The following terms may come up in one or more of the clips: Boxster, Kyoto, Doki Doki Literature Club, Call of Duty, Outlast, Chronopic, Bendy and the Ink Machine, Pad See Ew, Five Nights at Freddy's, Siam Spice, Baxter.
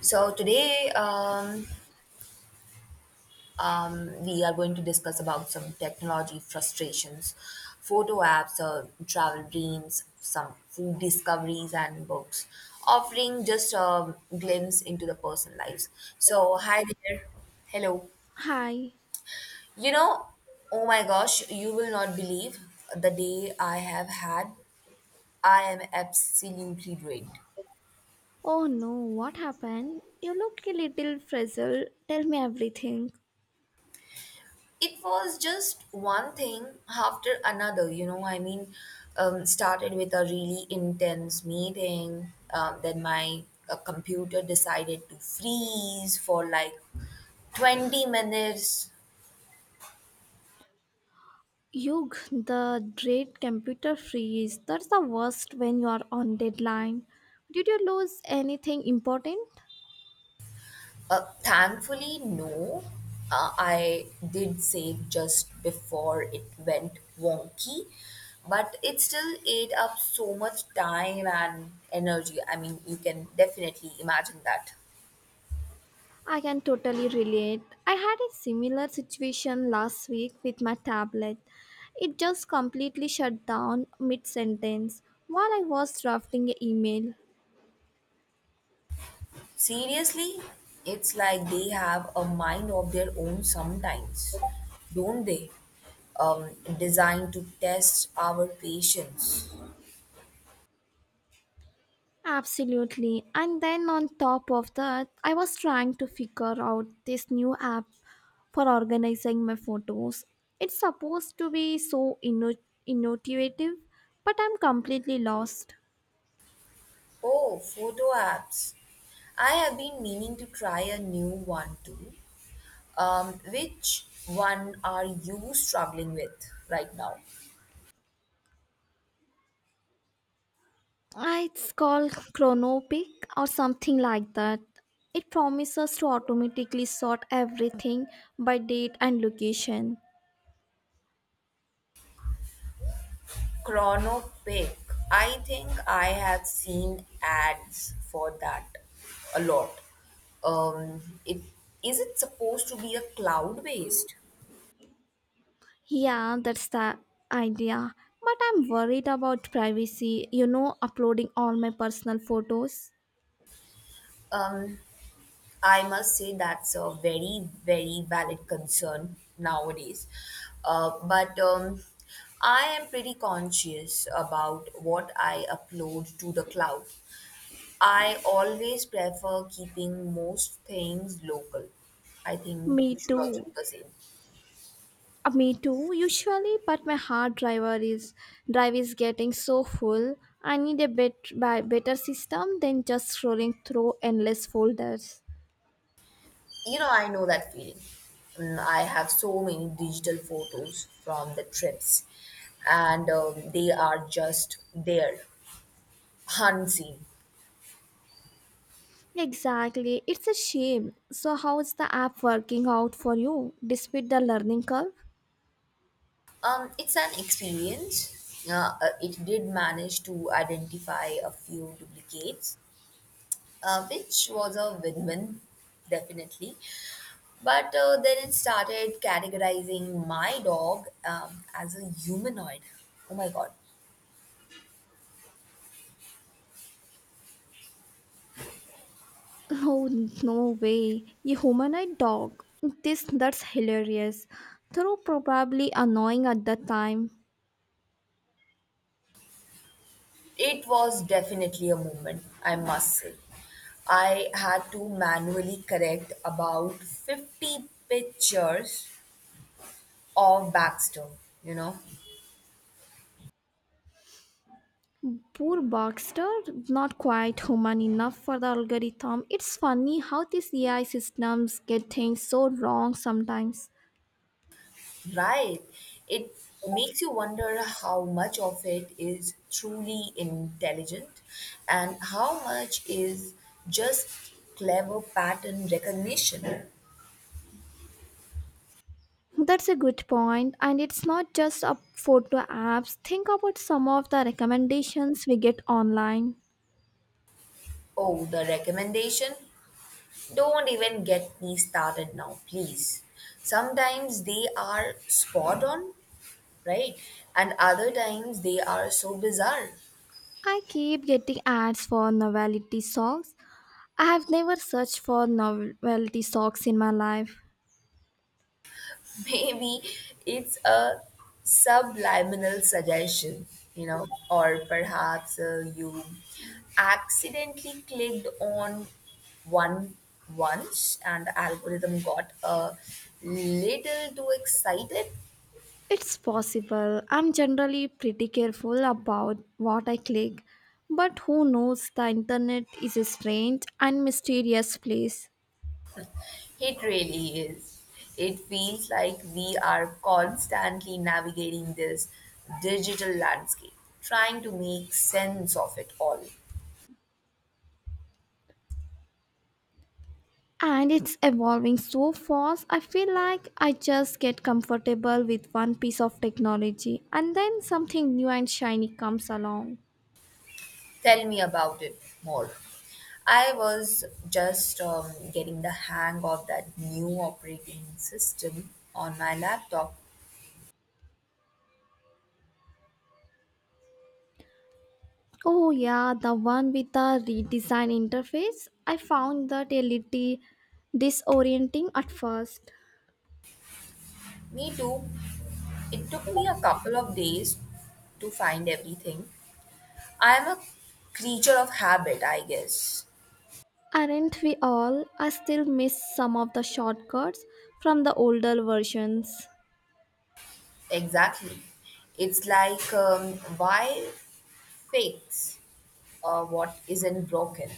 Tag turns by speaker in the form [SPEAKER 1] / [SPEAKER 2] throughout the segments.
[SPEAKER 1] So today, we are going to discuss about some technology frustrations, photo apps, travel dreams, some food discoveries, and books, offering just a glimpse into the personal lives. So, hi there. Hello.
[SPEAKER 2] Hi.
[SPEAKER 1] You know, oh my gosh, you will not believe the day I have had. I am absolutely drained.
[SPEAKER 2] Oh no, what happened? You look a little frazzled. Tell me everything.
[SPEAKER 1] It was just one thing after another, I mean, started with a really intense meeting, then my computer decided to freeze for like 20 minutes.
[SPEAKER 2] Yug, the great computer freeze. That's the worst when you are on deadline. Did you lose anything important?
[SPEAKER 1] Thankfully no. I did save just before it went wonky, but it still ate up so much time and energy. I mean, you can definitely imagine that.
[SPEAKER 2] I can totally relate. I had a similar situation last week with my tablet. It just completely shut down mid sentence while I was drafting an email.
[SPEAKER 1] Seriously, it's like they have a mind of their own sometimes, don't they? Um, designed to test our patience.
[SPEAKER 2] Absolutely. And then on top of that, I was trying to figure out this new app for organizing my photos. It's supposed to be so innovative, but I'm completely lost.
[SPEAKER 1] Oh, photo apps. I have been meaning to try a new one too. Which one are you struggling with right now?
[SPEAKER 2] Ah, it's called Chronopic or something like that. It promises to automatically sort everything by date and location.
[SPEAKER 1] Chronopic. I think I have seen ads for that a lot. It is it supposed to be a cloud based?
[SPEAKER 2] Yeah, that's the idea. But I'm worried about privacy, you know, uploading all my personal photos.
[SPEAKER 1] Um, I must say that's a very valid concern nowadays. But I am pretty conscious about what I upload to the cloud. I always prefer keeping most things local. I think
[SPEAKER 2] Me
[SPEAKER 1] you should also
[SPEAKER 2] too.
[SPEAKER 1] do the same.
[SPEAKER 2] Me too, usually, but my hard driver is drive is getting so full. I need a bit by better system than just scrolling through endless folders.
[SPEAKER 1] You know, I know that feeling. Mm, I have so many digital photos from the trips, and they are just there, unseen.
[SPEAKER 2] Exactly. It's a shame. So how is the app working out for you despite the learning curve?
[SPEAKER 1] It's an experience. It did manage to identify a few duplicates, which was a win-win, definitely. But then it started categorizing my dog as a humanoid. Oh my god.
[SPEAKER 2] Oh no way. You humanoid dog. This That's hilarious. Though probably annoying at the time.
[SPEAKER 1] It was definitely a moment, I must say. I had to manually correct about 50 pictures of Baxter, you know.
[SPEAKER 2] Poor Boxster, not quite human enough for the algorithm. It's funny how these AI systems get things so wrong sometimes.
[SPEAKER 1] Right. It makes you wonder how much of it is truly intelligent and how much is just clever pattern recognition.
[SPEAKER 2] That's a good point, and it's not just up photo apps. Think about some of the recommendations we get online.
[SPEAKER 1] Oh, the recommendation. Don't even get me started now, please. Sometimes they are spot on, right? And other times they are so bizarre.
[SPEAKER 2] I keep getting ads for novelty socks. I have never searched for novelty socks in my life.
[SPEAKER 1] Maybe it's a subliminal suggestion, you know, or perhaps you accidentally clicked on one once and the algorithm got a little too excited.
[SPEAKER 2] It's possible. I'm generally pretty careful about what I click. But who knows, the internet is a strange and mysterious place.
[SPEAKER 1] It really is. It feels like we are constantly navigating this digital landscape, trying to make sense of it all.
[SPEAKER 2] And it's evolving so fast, I feel like I just get comfortable with one piece of technology and then something new and shiny comes along.
[SPEAKER 1] Tell me about it more. I was just getting the hang of that new operating system on my laptop.
[SPEAKER 2] Oh, yeah, the one with the redesigned interface. I found that a little disorienting at first.
[SPEAKER 1] Me too. It took me a couple of days to find everything. I am a creature of habit, I guess.
[SPEAKER 2] Aren't we all? I still miss some of the shortcuts from the older versions.
[SPEAKER 1] Exactly. It's like, why fix what isn't broken?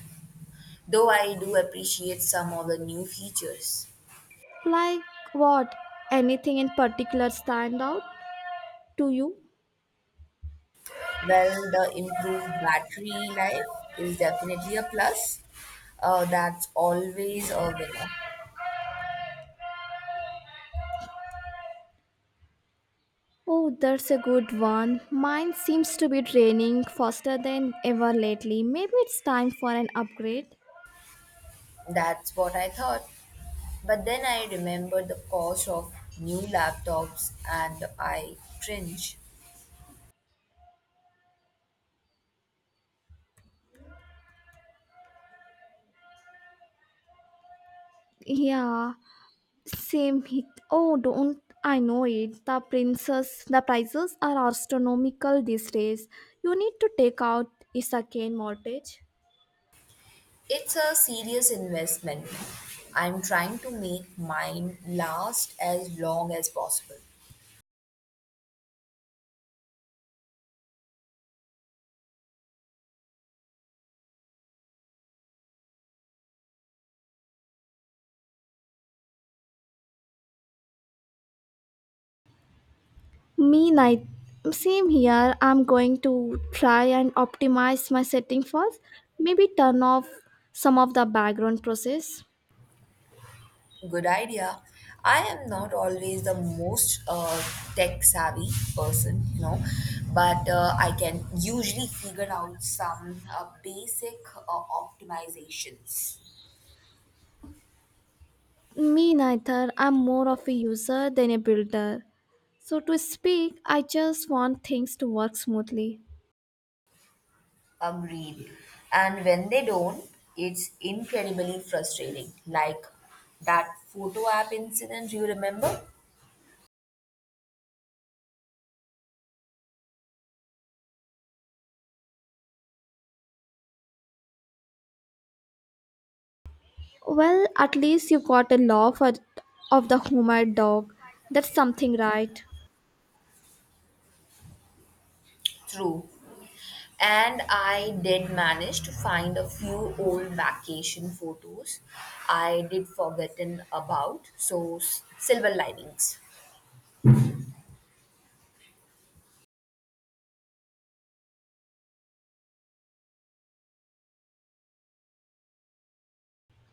[SPEAKER 1] Though I do appreciate some of the new features.
[SPEAKER 2] Like what? Anything in particular stand out to you?
[SPEAKER 1] Well, the improved battery life is definitely a plus. That's always a winner.
[SPEAKER 2] Oh, that's a good one. Mine seems to be draining faster than ever lately. Maybe it's time for an upgrade.
[SPEAKER 1] That's what I thought. But then I remembered the cost of new laptops and I cringe.
[SPEAKER 2] Yeah, same hit. Oh, don't I know it? The prices are astronomical these days. You need to take out a second mortgage.
[SPEAKER 1] It's a serious investment. I'm trying to make mine last as long as possible.
[SPEAKER 2] Me night. Same here. I'm going to try and optimize my setting first. Maybe turn off some of the background process.
[SPEAKER 1] Good idea. I am not always the most tech savvy person, you know, but I can usually figure out some basic optimizations.
[SPEAKER 2] Me neither. I'm more of a user than a builder. So to speak, I just want things to work smoothly.
[SPEAKER 1] Agreed. And when they don't, it's incredibly frustrating. Like that photo app incident, you remember?
[SPEAKER 2] Well, at least you got a law for of the humor dog. That's something right.
[SPEAKER 1] True. And I did manage to find a few old vacation photos I did forgotten about. So, silver linings.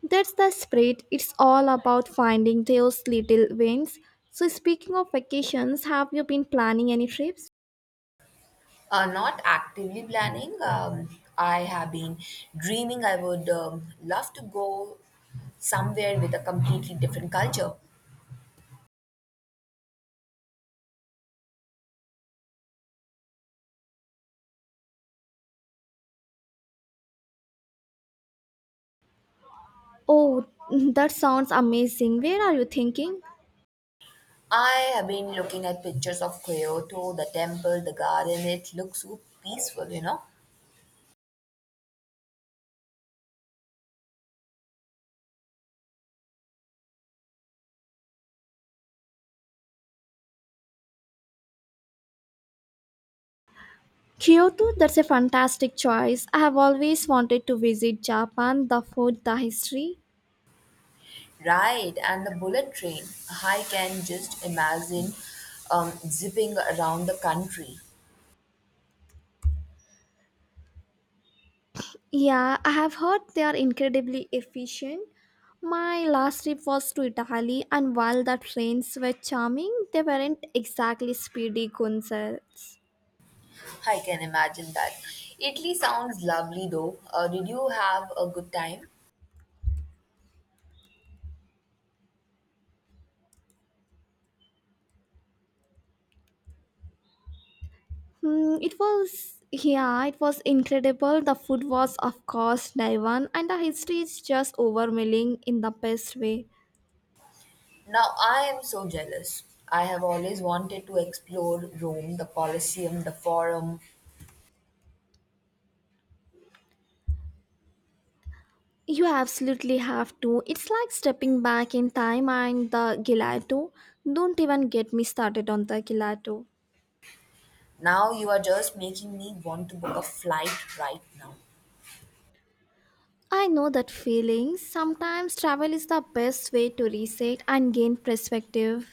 [SPEAKER 2] That's the spirit. It's all about finding those little wins. So speaking of vacations, have you been planning any trips?
[SPEAKER 1] Not actively planning. I have been dreaming. I would love to go somewhere with a completely different culture.
[SPEAKER 2] Oh, that sounds amazing. Where are you thinking?
[SPEAKER 1] I have been looking at pictures of Kyoto, the temple, the garden. It looks so peaceful, you know.
[SPEAKER 2] Kyoto, that's a fantastic choice. I have always wanted to visit Japan, the food, the history.
[SPEAKER 1] Right, and the bullet train. I can just imagine zipping around the country.
[SPEAKER 2] Yeah, I have heard they are incredibly efficient. My last trip was to Italy, and while the trains were charming, they weren't exactly speedy concerts.
[SPEAKER 1] I can imagine that. Italy sounds lovely though. Did you have a good time?
[SPEAKER 2] Hmm, it was, yeah, it was incredible. The food was, of course, divine, and the history is just overwhelming in the best way.
[SPEAKER 1] Now I am so jealous. I have always wanted to explore Rome, the Colosseum, the Forum.
[SPEAKER 2] You absolutely have to. It's like stepping back in time and the gelato. Don't even get me started on the gelato.
[SPEAKER 1] Now you are just making me want to book a flight right now.
[SPEAKER 2] I know that feeling. Sometimes travel is the best way to reset and gain perspective.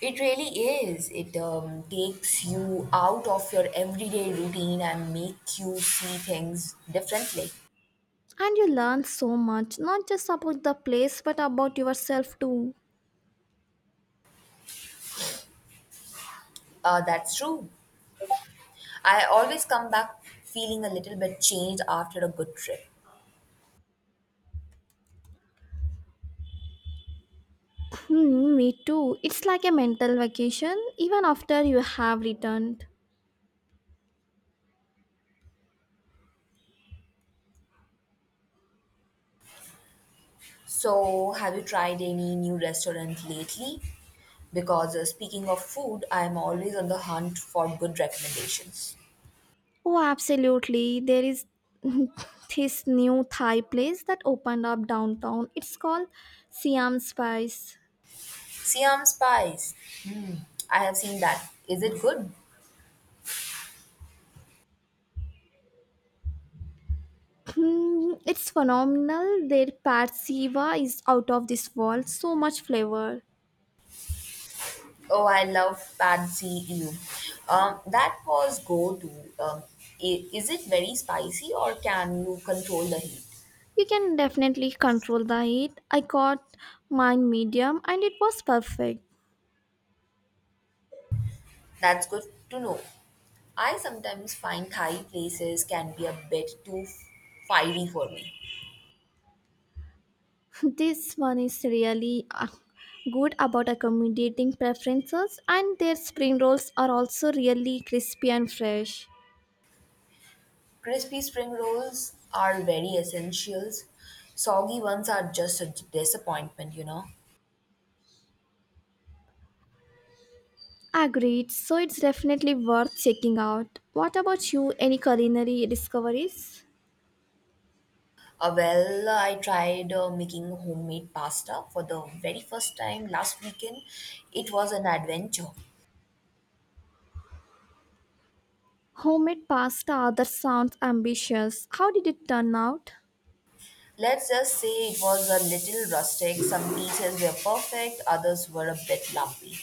[SPEAKER 1] It really is. It takes you out of your everyday routine and make you see things differently.
[SPEAKER 2] And you learn so much, not just about the place but about yourself too.
[SPEAKER 1] That's true. I always come back feeling a little bit changed after a good trip.
[SPEAKER 2] Hmm, me too. It's like a mental vacation even after you have returned.
[SPEAKER 1] So, have you tried any new restaurant lately? Because speaking of food, I'm always on the hunt for good recommendations.
[SPEAKER 2] Oh, absolutely. There is this new Thai place that opened up downtown. It's called Siam Spice.
[SPEAKER 1] Siam Spice. Hmm, I have seen that. Is it good?
[SPEAKER 2] Hmm, it's phenomenal. Their pad siva is out of this world. So much flavor.
[SPEAKER 1] Oh, I love Pad See Ew. That was go to. Um, is it very spicy or can you control the heat?
[SPEAKER 2] You can definitely control the heat. I got mine medium and it was perfect.
[SPEAKER 1] That's good to know. I sometimes find Thai places can be a bit too fiery for me.
[SPEAKER 2] This one is really good about accommodating preferences and their spring rolls are also really crispy and fresh.
[SPEAKER 1] Crispy spring rolls are very essentials. Soggy ones are just a disappointment, you know.
[SPEAKER 2] Agreed, so it's definitely worth checking out. What about you? Any culinary discoveries?
[SPEAKER 1] Well, I tried making homemade pasta for the very first time last weekend. It was an adventure.
[SPEAKER 2] Homemade pasta that sounds ambitious. How did it turn out?
[SPEAKER 1] Let's just say it was a little rustic. Some pieces were perfect, others were a bit lumpy.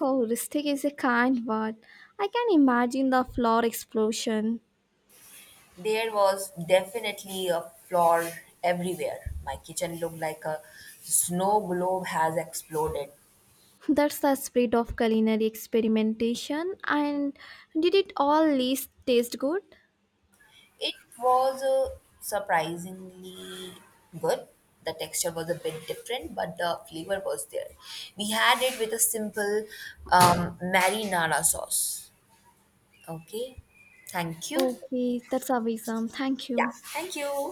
[SPEAKER 2] Oh, rustic is a kind word. I can imagine the floor explosion.
[SPEAKER 1] There was definitely a floor everywhere. My kitchen looked like a snow globe has exploded.
[SPEAKER 2] That's the spirit of culinary experimentation. And did it all least taste good?
[SPEAKER 1] It was surprisingly good. The texture was a bit different, but the flavor was there. We had it with a simple marinara sauce. Okay, thank you.
[SPEAKER 2] Okay, that's awesome. Thank
[SPEAKER 1] Yeah,
[SPEAKER 2] you.
[SPEAKER 1] thank you.